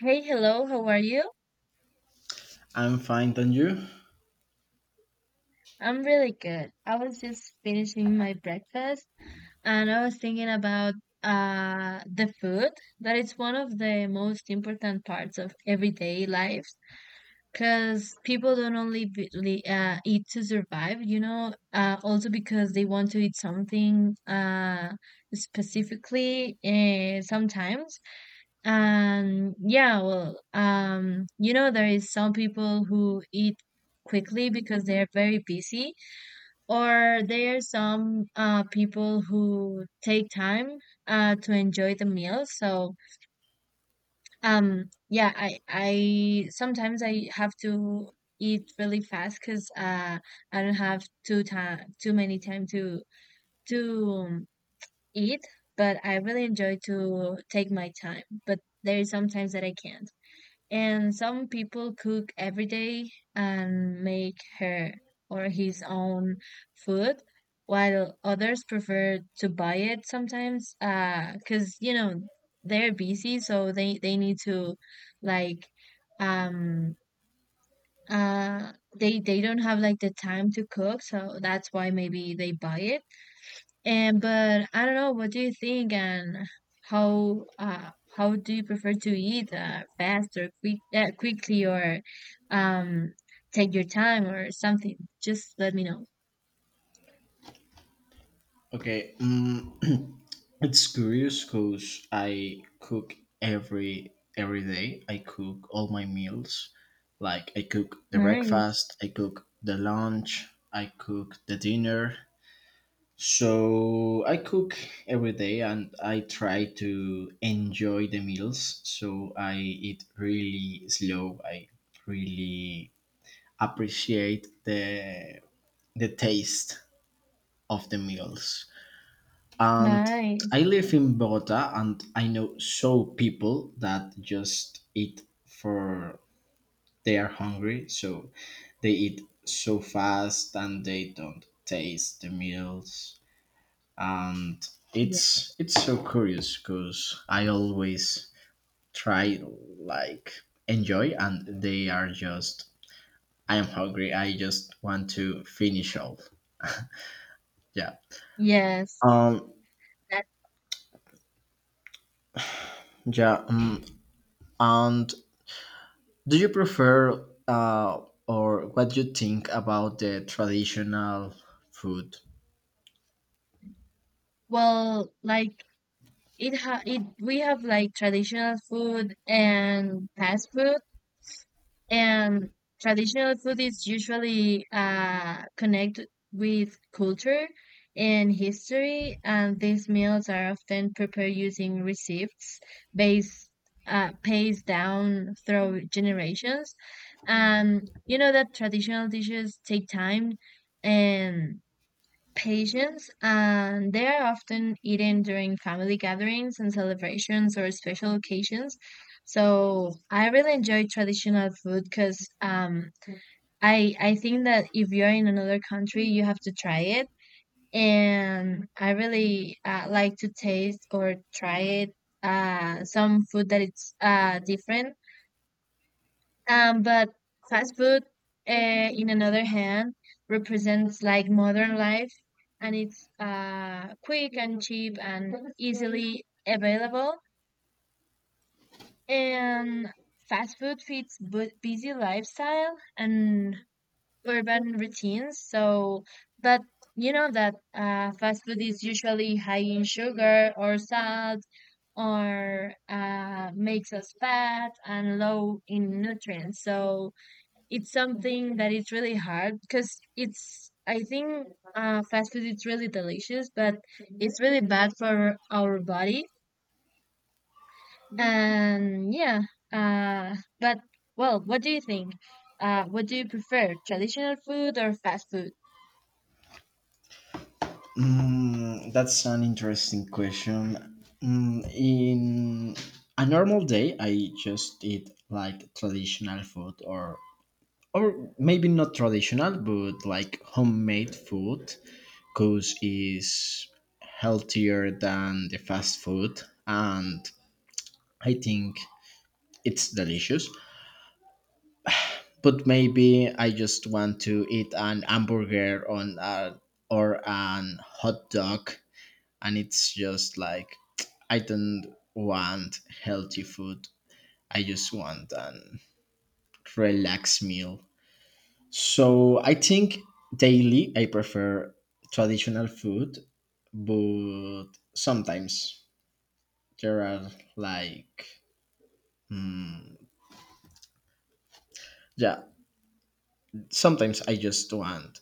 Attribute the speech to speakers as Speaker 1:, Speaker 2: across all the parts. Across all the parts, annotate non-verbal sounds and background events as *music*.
Speaker 1: Hey, hello, how are you?
Speaker 2: I'm fine, thank you.
Speaker 1: I'm really good. I was just finishing my breakfast and I was thinking about the food that it's one of the most important parts of everyday lives because people don't only eat to survive, also because they want to eat something specifically sometimes. And yeah, well, there is some people who eat quickly because they are very busy, or there are some people who take time to enjoy the meal. So, yeah, I sometimes I have to eat really fast because I don't have too time, too many time to eat. But I really enjoy to take my time. But there is sometimes that I can't. And some people cook every day and make her or his own food, while others prefer to buy it sometimes, cause you know they're busy, so they need to like um uh they don't have like the time to cook, so that's why maybe they buy it. And but I don't know, what do you think and how do you prefer to eat fast or quickly or um take your time or something? Just let me know.
Speaker 2: Okay, *clears throat* it's curious because I cook every day. I cook all my meals. Like I cook the
Speaker 1: Nice.
Speaker 2: breakfast, I cook the lunch, I cook the dinner. So I cook every day, and I try to enjoy the meals. So I eat really slow. I really appreciate the taste of the meals. And
Speaker 1: Nice.
Speaker 2: I live in Bogota, and I know so people that just eat for they are hungry, so they eat so fast and they don't taste the meals, and
Speaker 1: Yeah.
Speaker 2: it's so curious because I always try like enjoy, and they are just I am hungry. I just want to finish all. Yeah.
Speaker 1: Yes.
Speaker 2: Um.
Speaker 1: That
Speaker 2: Yeah. And Do you prefer or what do you think about the traditional food?
Speaker 1: Well, like it ha it we have like traditional food and fast food. And traditional food is usually connected with culture and history, and these meals are often prepared using recipes based passed down through generations. And you know that traditional dishes take time and patients and they are often eaten during family gatherings and celebrations or special occasions. So I really enjoy traditional food because I think that if you're in another country, you have to try it, and I really like to taste or try it some food that it's different, but fast food, uh, in another hand, represents like modern life, and it's quick and cheap and easily available. And fast food fits busy lifestyle and urban routines. So, but you know that fast food is usually high in sugar or salt or makes us fat and low in nutrients. So it's something that it's really hard because it's I think fast food is really delicious, but it's really bad for our body. And yeah, uh, but well, what do you think? What do you prefer, traditional food or fast food?
Speaker 2: Mm, that's an interesting question. Mm, in a normal day, I just eat like traditional food or maybe not traditional but like homemade food because is healthier than the fast food, and I think it's delicious. But maybe I just want to eat an hamburger on a, or an hot dog, and it's just like *tsk* I don't want healthy food. I just want an relaxed meal. So I think daily I prefer traditional food, but sometimes there are like yeah, sometimes I just want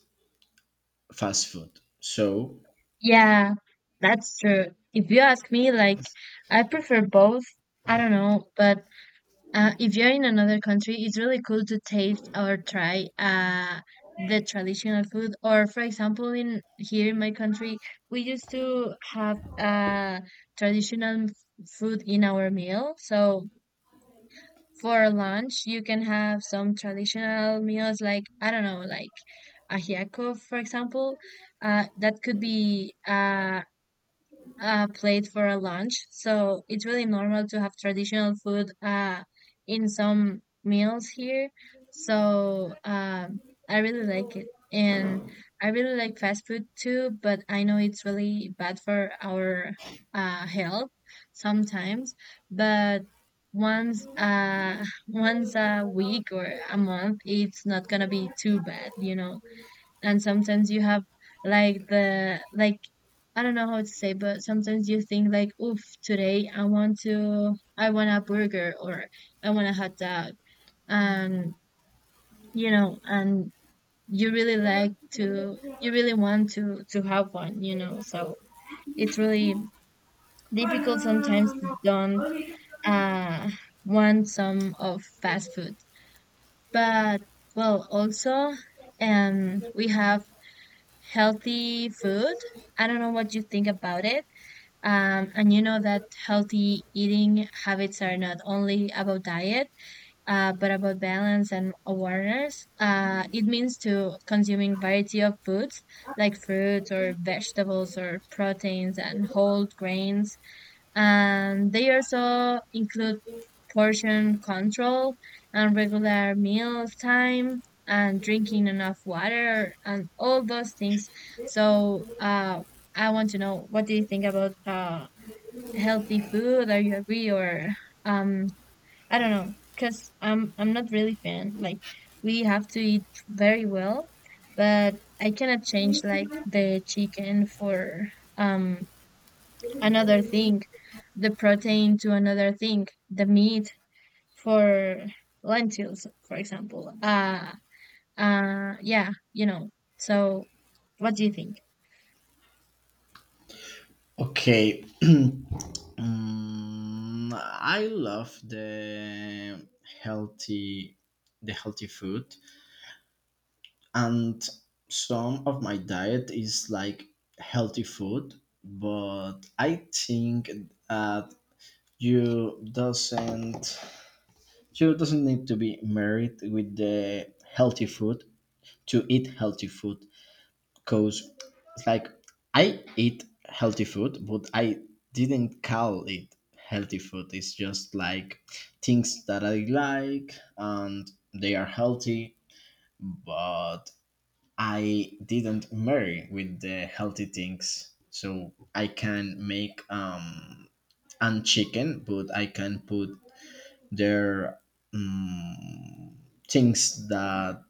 Speaker 2: fast food. So
Speaker 1: Yeah, that's true. If you ask me, like I prefer both. I don't know, but if you're in another country, it's really cool to taste or try the traditional food. Or, for example, in here in my country, we used to have traditional food in our meal. So for lunch, you can have some traditional meals like I don't know, like ajiaco, for example. That could be plate for a lunch. So it's really normal to have traditional food in some meals here. So I really like it. And I really like fast food too, but I know it's really bad for our health sometimes. But once *laughs* once a week or a month it's not gonna be too bad, and sometimes you have like the like I don't know how to say, but sometimes you think like, oof, today I want a burger or I want a hot dog. And and you really want to have one. So it's really difficult sometimes to don't uh want some of fast food. But well also we have healthy food. I don't know what you think about it. And you know that healthy eating habits are not only about diet, but about balance and awareness. It means to consuming variety of foods like fruits or vegetables or proteins and whole grains and they also include portion control and regular meal time and drinking enough water and all those things. So I want to know what do you think about healthy food? Are you agree or um, I don't know because I'm not really fan. Like we have to eat very well, but I cannot change like the chicken for um another thing, the protein to another thing, the meat for lentils, for example. Yeah, you know. So, what do you think?
Speaker 2: okay. *clears throat* Mm, I love healthy the healthy food, and some of my diet is like healthy food, but I think that you doesn't you doesn't need to be married with the healthy food to eat healthy food. Cause it's like I eat healthy food, but I didn't call it healthy food. It's just like things that I like and they are healthy, but I didn't marry with the healthy things. So I can make and chicken, but I can put their um, things that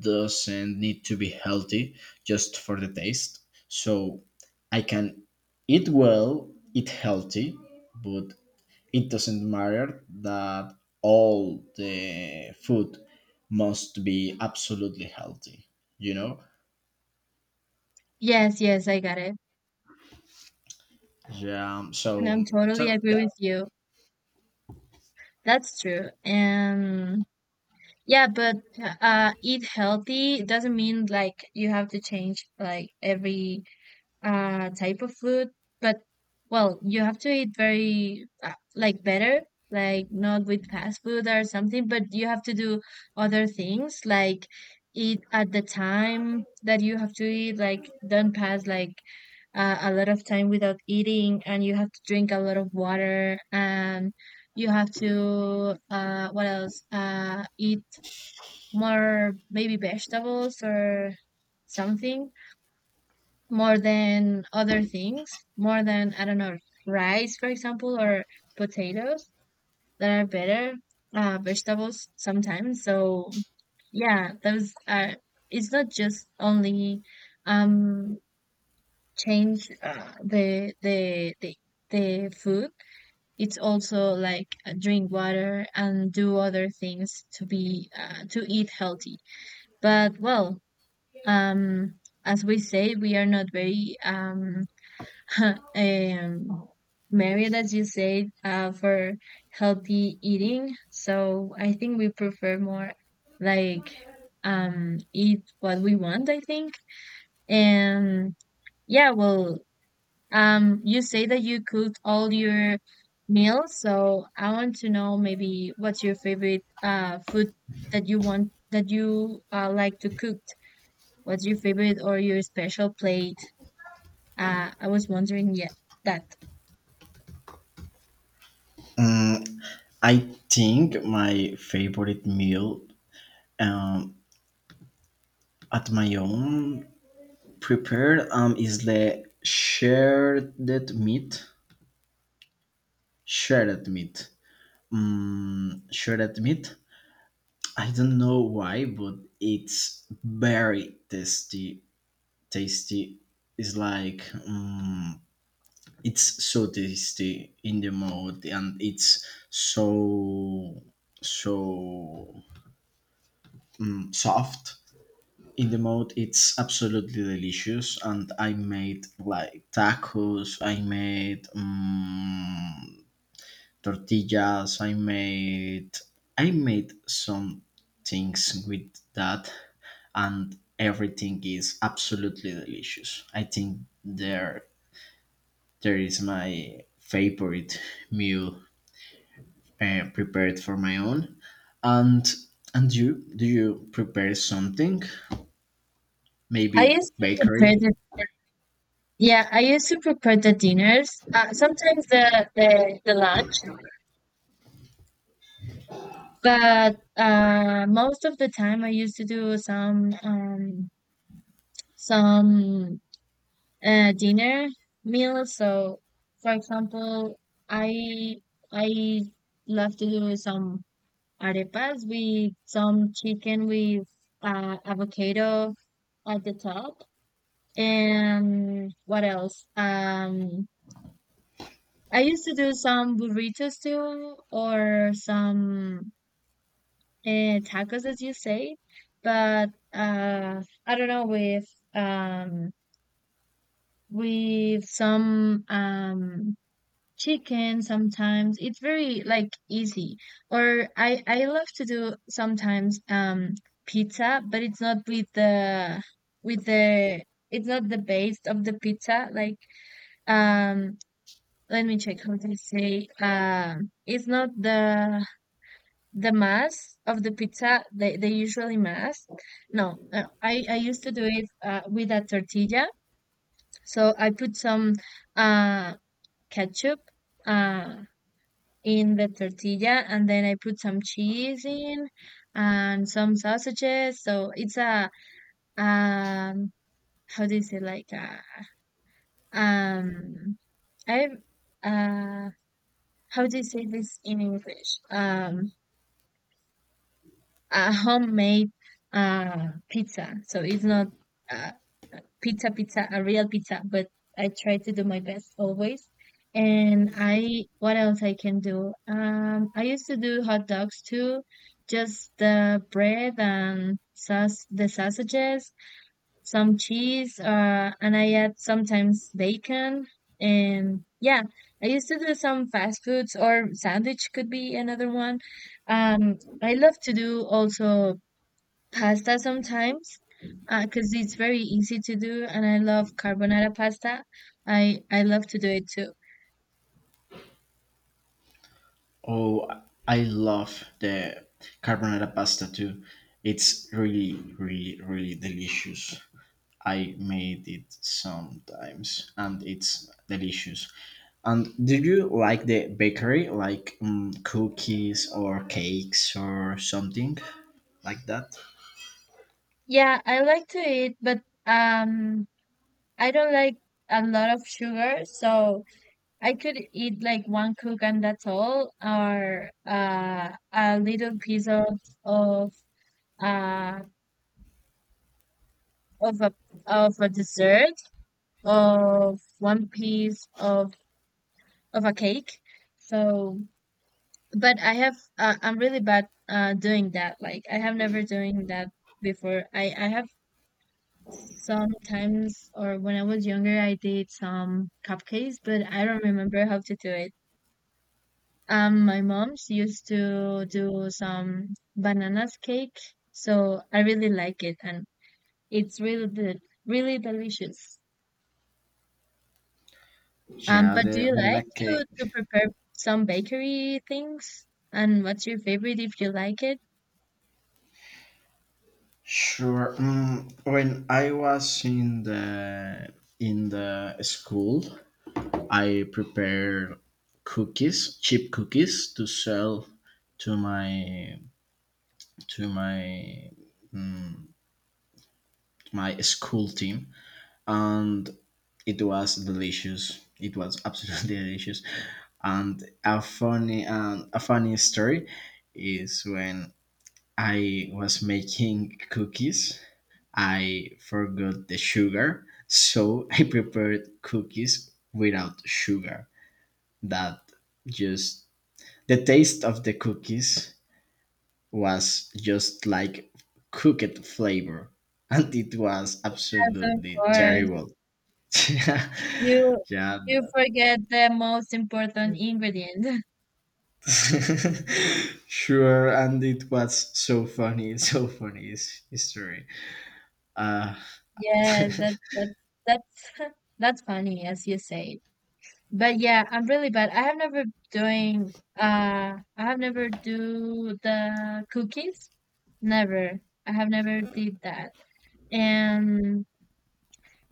Speaker 2: doesn't need to be healthy just for the taste. So I can eat well, eat healthy, but it doesn't matter that all the food must be absolutely healthy. You know?
Speaker 1: Yes, yes, I got it.
Speaker 2: Yeah.
Speaker 1: And
Speaker 2: So
Speaker 1: I'm totally
Speaker 2: so
Speaker 1: agree
Speaker 2: yeah.
Speaker 1: with you. That's true. And yeah, but eat healthy doesn't mean like you have to change like every type of food, but well, you have to eat very like better, like not with fast food or something, but you have to do other things like eat at the time that you have to eat, like don't pass like a lot of time without eating, and you have to drink a lot of water, and you have to what else? Eat more maybe vegetables or something more than other things, more than, I don't know, rice, for example, or potatoes that are better, vegetables sometimes. So yeah, those are, it's not just only, um, change the food. It's also like drink water and do other things to eat healthy. But well, um, as we say, we are not very, *laughs* and maybe that you said for healthy eating. So I think we prefer more like eat what we want, I think. And yeah, well, you say that you cooked all your meals, so I want to know maybe what's your favorite food that you want that you like to cook. What's your favorite or your special plate? I was wondering, yeah, that.
Speaker 2: Um, I think my favorite meal um, at my own prepared is the shared meat. Shredded meat. Mm, shredded meat. I don't know why, but it's very tasty. Tasty. It's like mm, it's so tasty in the mouth, and it's so so mm, soft in the mouth. It's absolutely delicious, and I made like tacos. I made mm tortillas. I made some things with that, and everything is absolutely delicious. I think there is my favorite meal prepared for my own, and and you do you prepare something
Speaker 1: I
Speaker 2: maybe
Speaker 1: used to prepare
Speaker 2: bakery?
Speaker 1: the yeah, I used to prepare the dinners, sometimes the lunch, but most of the time I used to do some some dinner meals. So, for example, I I love to do some arepas with some chicken with avocado at the top, and what else? I used to do some burritos too, or some tacos, as you say. But I don't know um, with some chicken sometimes. It's very like easy. Or I love to do sometimes pizza, but it's not with the with the it's not the base of the pizza like um let me check how to say it's not the mass of the pizza the usually mass no I used to do it with a tortilla. So I put some uh ketchup uh in the tortilla, and then I put some cheese in and some sausages. So it's a um how do you say like a, um I uh how do you say this in english a homemade pizza. So it's not uh, pizza pizza, a real pizza, but I try to do my best always. And what else I can do? I used to do hot dogs too, just the bread and sauce, the sausages some cheese, and I add sometimes bacon. And yeah, I used to do some fast foods, or sandwich could be another one. I love to do also pasta sometimes because it's very easy to do, and I love carbonara pasta. I love to do it too.
Speaker 2: Oh, I love the carbonara pasta too. It's really really really delicious. I made it sometimes, and it's delicious. And do you like the bakery, like mm, cookies or cakes or something like that?
Speaker 1: Yeah, I like to eat, but um, I don't like a lot of sugar, so. I could eat like one cook and that's all, or a little piece of uh of a of a dessert, of one piece of a cake. So, but I'm really bad doing that. Like I have never doing that before. I have sometimes, or when I was younger I did some cupcakes, but I don't remember how to do it. My mom's used to do some bananas cake, so I really like it, and it's really delicious.
Speaker 2: Yeah,
Speaker 1: But do
Speaker 2: the
Speaker 1: you like
Speaker 2: banana cake.
Speaker 1: to prepare some bakery things? And what's your favorite if you like it?
Speaker 2: Sure. Mm, when I was in the school, I prepared cookies, cheap cookies, to sell to my to my my school team, and it was delicious. It was absolutely *laughs* delicious. And a funny story is when I was making cookies, I forgot the sugar, so *laughs* I prepared cookies without sugar. That just the taste of the cookies was just like cooked flavor, *laughs* and it was
Speaker 1: Yes, of
Speaker 2: absolutely
Speaker 1: course.
Speaker 2: terrible. *laughs* Yeah,
Speaker 1: You
Speaker 2: yeah.
Speaker 1: you forget the most important ingredient. *laughs*
Speaker 2: *laughs* Sure, and it was so funny, *laughs* so funny his history. Uh,
Speaker 1: Yes, that
Speaker 2: *laughs*
Speaker 1: that that's *laughs* that's funny, as you say. But yeah, I'm really bad. Doing I have never do the cookies. Never. I have never did that. And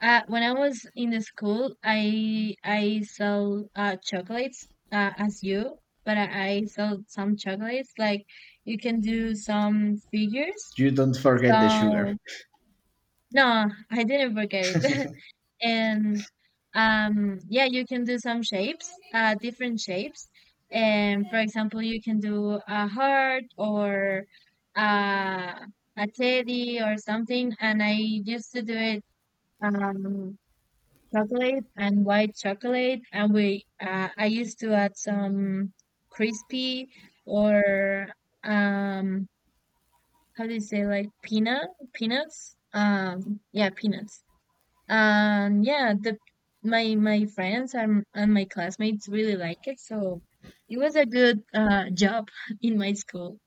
Speaker 1: when I was in the school, I sell chocolates as you, but I sell some chocolates. Like you can do some figures.
Speaker 2: you don't forget the sugar.
Speaker 1: So no, I didn't forget it. *laughs* and yeah you can do some shapes different shapes, and for example you can do a heart or uh, a teddy or something. And I used to do it um chocolate and white chocolate. And we I used to add some crispy or um how do you say, like peanuts, yeah, peanuts. And yeah, the my friends and my classmates really like it, so it was a good job *laughs* in my school.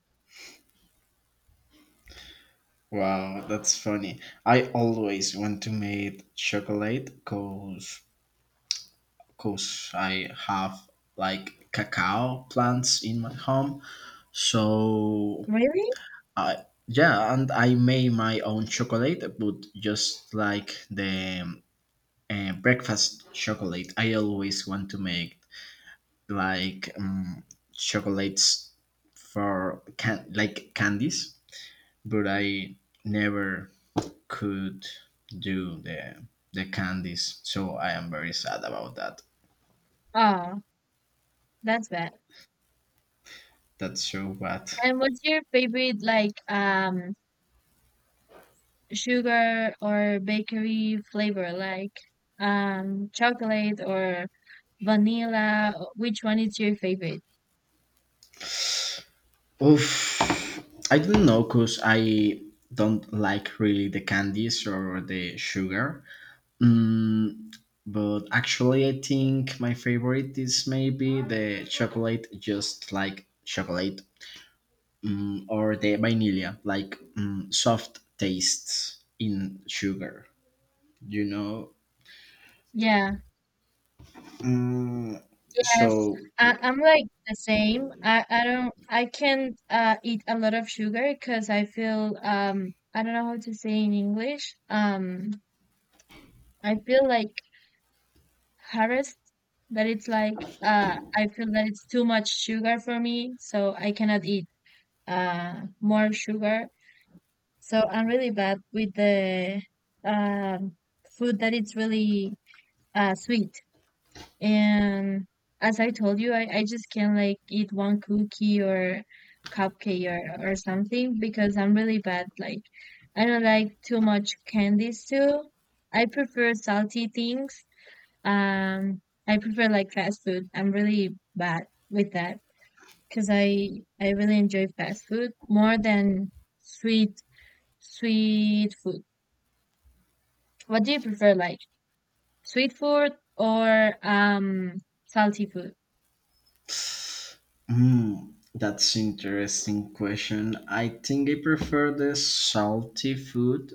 Speaker 2: Wow, that's funny. I always want to make chocolate cause I have like cacao plants in my home. So
Speaker 1: Really?
Speaker 2: I yeah, and I made my own chocolate, but just like the breakfast chocolate, I always want to make like chocolates for like candies, but I never could do the candies, so I am very sad about that.
Speaker 1: Oh, that's bad.
Speaker 2: That's so bad.
Speaker 1: And what's your favorite, like sugar or bakery flavor, like chocolate or vanilla? Which one is your favorite?
Speaker 2: Oof, I don't know, cause I don't like really the candies or the sugar. Mm, but actually, I think my favorite is maybe the chocolate, just like chocolate mm, or the vanilla, like mm, soft tastes in sugar, you know?
Speaker 1: Yeah.
Speaker 2: Mm,
Speaker 1: Yes,
Speaker 2: so,
Speaker 1: I'm like the same. I don't I can't eat a lot of sugar because I feel I don't know how to say in English. I feel like harassed, that it's like I feel that it's too much sugar for me, so I cannot eat more sugar. So I'm really bad with the um food that it's really sweet. And as I told you, I just can't like eat one cookie or cupcake or something because I'm really bad. Like I don't like too much candies too. I prefer salty things. Um, I prefer like fast food. I'm really bad with that because I really enjoy fast food more than sweet sweet food. What do you prefer, like sweet food or salty food?
Speaker 2: mm, that's interesting question. I think I prefer the salty food.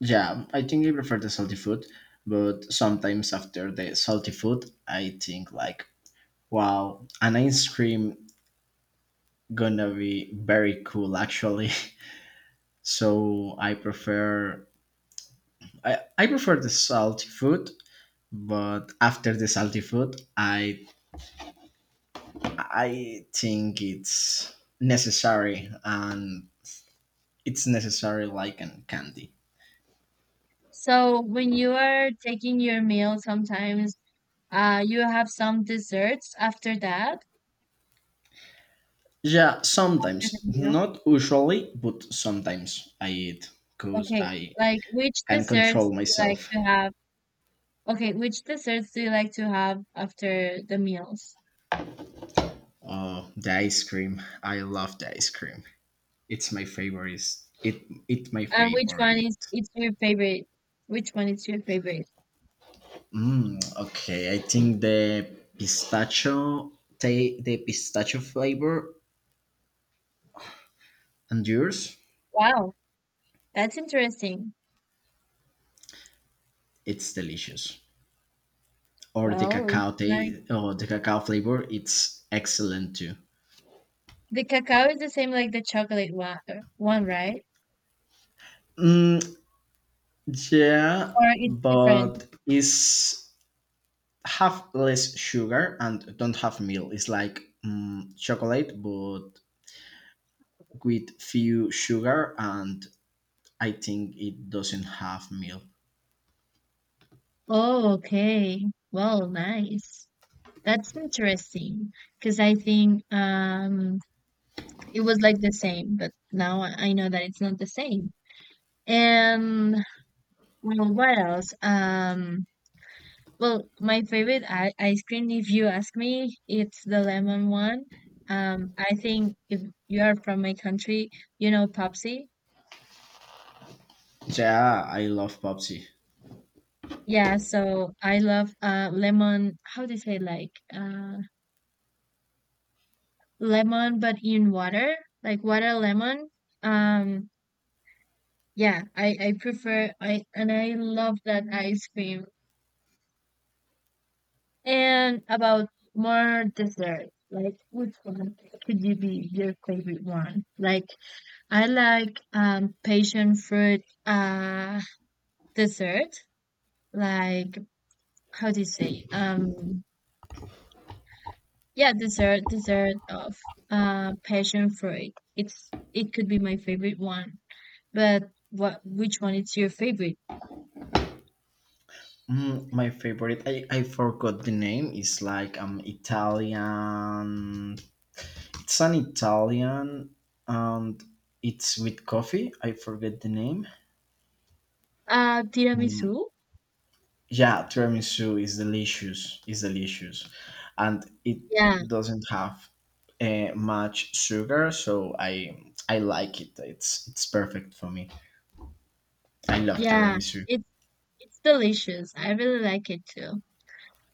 Speaker 2: Yeah, I think I prefer the salty food, but sometimes after the salty food, I think like, wow, an ice cream gonna be very cool actually. *laughs* So I prefer I prefer the salty food, but after the salty food i think it's necessary, and it's necessary like an candy.
Speaker 1: So when you are taking your meal, sometimes you have some desserts after that,
Speaker 2: Yeah,
Speaker 1: after the
Speaker 2: sometimes
Speaker 1: meal.
Speaker 2: not usually, but sometimes I eat because
Speaker 1: Okay,
Speaker 2: I
Speaker 1: like which
Speaker 2: can
Speaker 1: desserts
Speaker 2: control
Speaker 1: do you like
Speaker 2: myself.
Speaker 1: to have? Okay, which desserts do you like to have after the meals?
Speaker 2: Oh, the ice cream, I love the ice cream, it's my favorite. It my
Speaker 1: And which one is
Speaker 2: favorite.
Speaker 1: it's your favorite? Which one is your favorite?
Speaker 2: Mm, okay, I think the pistachio, the pistachio flavor and yours.
Speaker 1: Wow, that's interesting.
Speaker 2: It's delicious. Or the
Speaker 1: Well,
Speaker 2: cacao
Speaker 1: nice.
Speaker 2: taste, or the cacao flavor, it's excellent too.
Speaker 1: The cacao is the same like the chocolate one, right?
Speaker 2: Mm, yeah,
Speaker 1: Or it's different?
Speaker 2: but it's have less sugar and don't have milk. It's like mm, chocolate, but with few sugar, and I think it doesn't have milk.
Speaker 1: Oh, okay. Well, nice. That's interesting because I think it was like the same, but now I know that it's not the same. And well, what else? Well, my favorite ice cream, if you ask me, it's the lemon one. I think if you are from my country, you know Popsi.
Speaker 2: Yeah, I love Popsy.
Speaker 1: Yeah, so I love lemon. How do you say, like lemon but in water, like water lemon. Um, Yeah, I prefer I and I love that ice cream. And about more dessert, like which one could you be your favorite one? Like I like passion fruit dessert, like how do you say? Yeah, dessert of passion fruit. It could be my favorite one. But what which one is your favorite?
Speaker 2: Mm, my favorite, I forgot the name. It's like Italian. It's an Italian and it's with coffee. I forget the name.
Speaker 1: Tiramisu?
Speaker 2: Mm, yeah, tiramisu is delicious. Is delicious, and it
Speaker 1: Yeah,
Speaker 2: doesn't have much sugar, so I like it. It's perfect for me. I love
Speaker 1: yeah.
Speaker 2: tiramisu.
Speaker 1: It's It's delicious. I really like it too.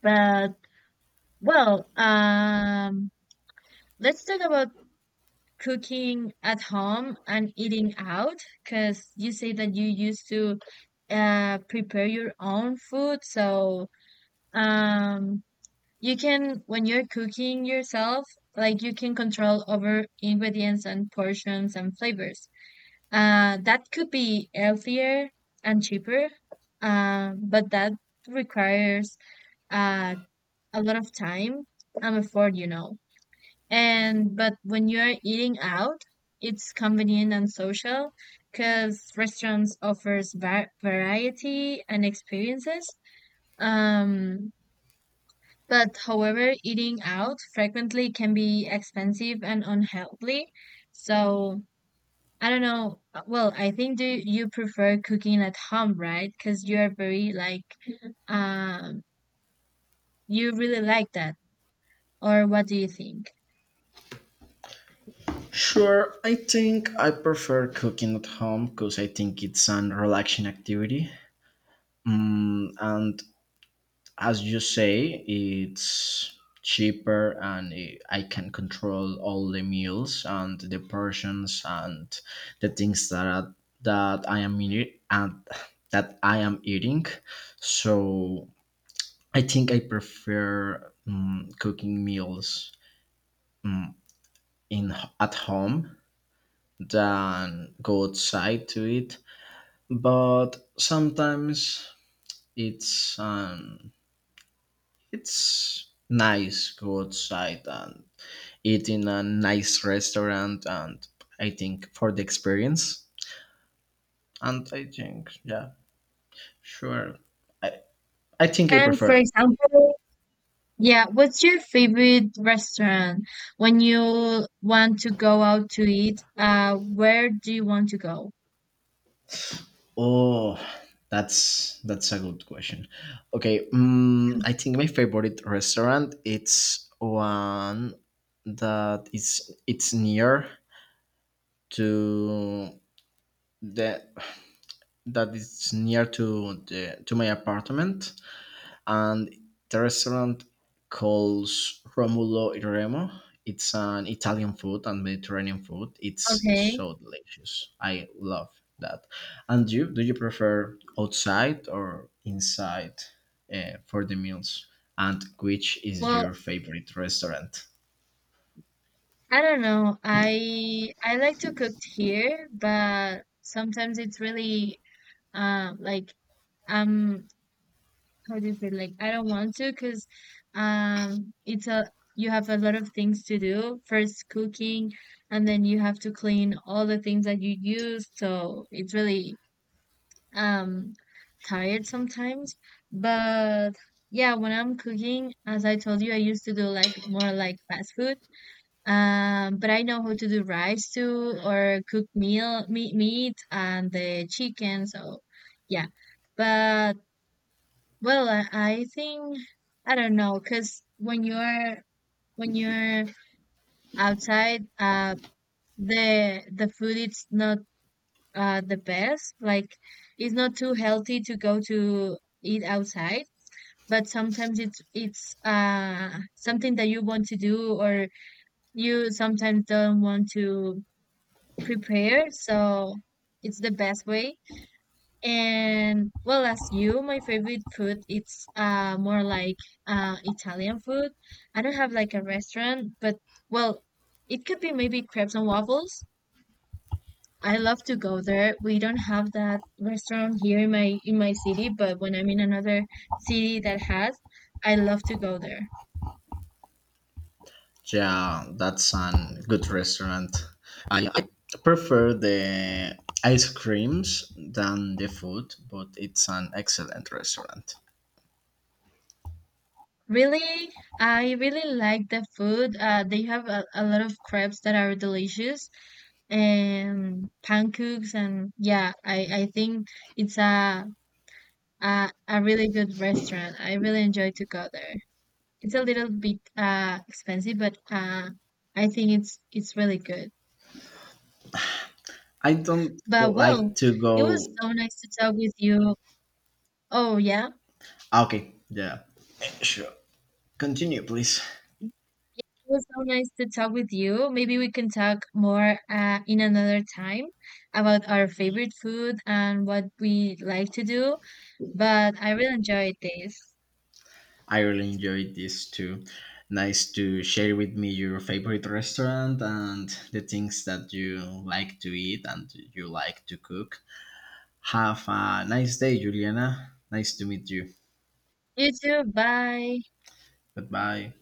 Speaker 1: But well, let's talk about cooking at home and eating out, because you say that you used to prepare your own food. So um you can when you're cooking yourself, like you can control over ingredients and portions and flavors. That could be healthier and cheaper. But that requires uh a lot of time I'm effort, you know. And but when you're eating out, it's convenient and social because restaurants offers variety and experiences. Um, but however, eating out frequently can be expensive and unhealthy. So I don't know. Well, I think, do you prefer cooking at home, right? Because you are very like um you really like that, or what do you think?
Speaker 2: Sure, I think I prefer cooking at home because I think it's an relaxing activity. Mm, and as you say, it's cheaper, and I can control all the meals and the portions and the things that are, that I am eating and that I am eating. So I think I prefer cooking meals um, in at home than go outside to eat. But sometimes it's um, it's nice go outside and eat in a nice restaurant, and I think for the experience, and I think yeah sure i, I think I
Speaker 1: And for
Speaker 2: prefer.
Speaker 1: example, yeah, what's your favorite restaurant when you want to go out to eat? Where do you want to go?
Speaker 2: Oh, that's a good question. Okay, I think my favorite restaurant it's one that is it's near to the that is near to the to my apartment, and the restaurant calls Romulo e Remo. It's an Italian food and Mediterranean food. It's
Speaker 1: Okay.
Speaker 2: so delicious. I love that. And you, do you prefer outside or inside for the meals? And which is
Speaker 1: Well,
Speaker 2: your favorite restaurant?
Speaker 1: I don't know. I like to cook here, but sometimes it's really like um how do you say, like I don't want to because it's a you have a lot of things to do. First cooking, and then you have to clean all the things that you use. So it's really um tired sometimes, but yeah, when I'm cooking, as I told you, I used to do like more like fast food. But I know how to do rice too, or cook meal meat, and the chicken, so yeah. But well I think I don't know, because when you're outside the food it's not the best. Like it's not too healthy to go to eat outside, but sometimes it's something that you want to do, or you sometimes don't want to prepare. So it's the best way. And well, as you, my favorite food it's more like Italian food. I don't have like a restaurant, but well, it could be maybe crepes and waffles. I love to go there. We don't have that restaurant here in my city, but when I'm in another city that has, I love to go there.
Speaker 2: Yeah, that's a good restaurant. I prefer the ice creams than the food, but it's an excellent restaurant.
Speaker 1: Really, I really like the food. They have a lot of crepes that are delicious and pancakes. And yeah, I think it's a really good restaurant. I really enjoy to go there. It's a little bit expensive, but I think it's really good.
Speaker 2: I don't
Speaker 1: But well,
Speaker 2: like to
Speaker 1: it was
Speaker 2: go.
Speaker 1: so nice to talk with you. Oh yeah.
Speaker 2: Ah, okay, yeah, sure. Continue, please.
Speaker 1: Yeah, it was so nice to talk with you. Maybe we can talk more in another time about our favorite food and what we like to do. But I really enjoyed this.
Speaker 2: I really enjoyed this too. Nice to share with me your favorite restaurant and the things that you like to eat and you like to cook. Have a nice day, Juliana. Nice to meet you.
Speaker 1: You too. Bye.
Speaker 2: Goodbye.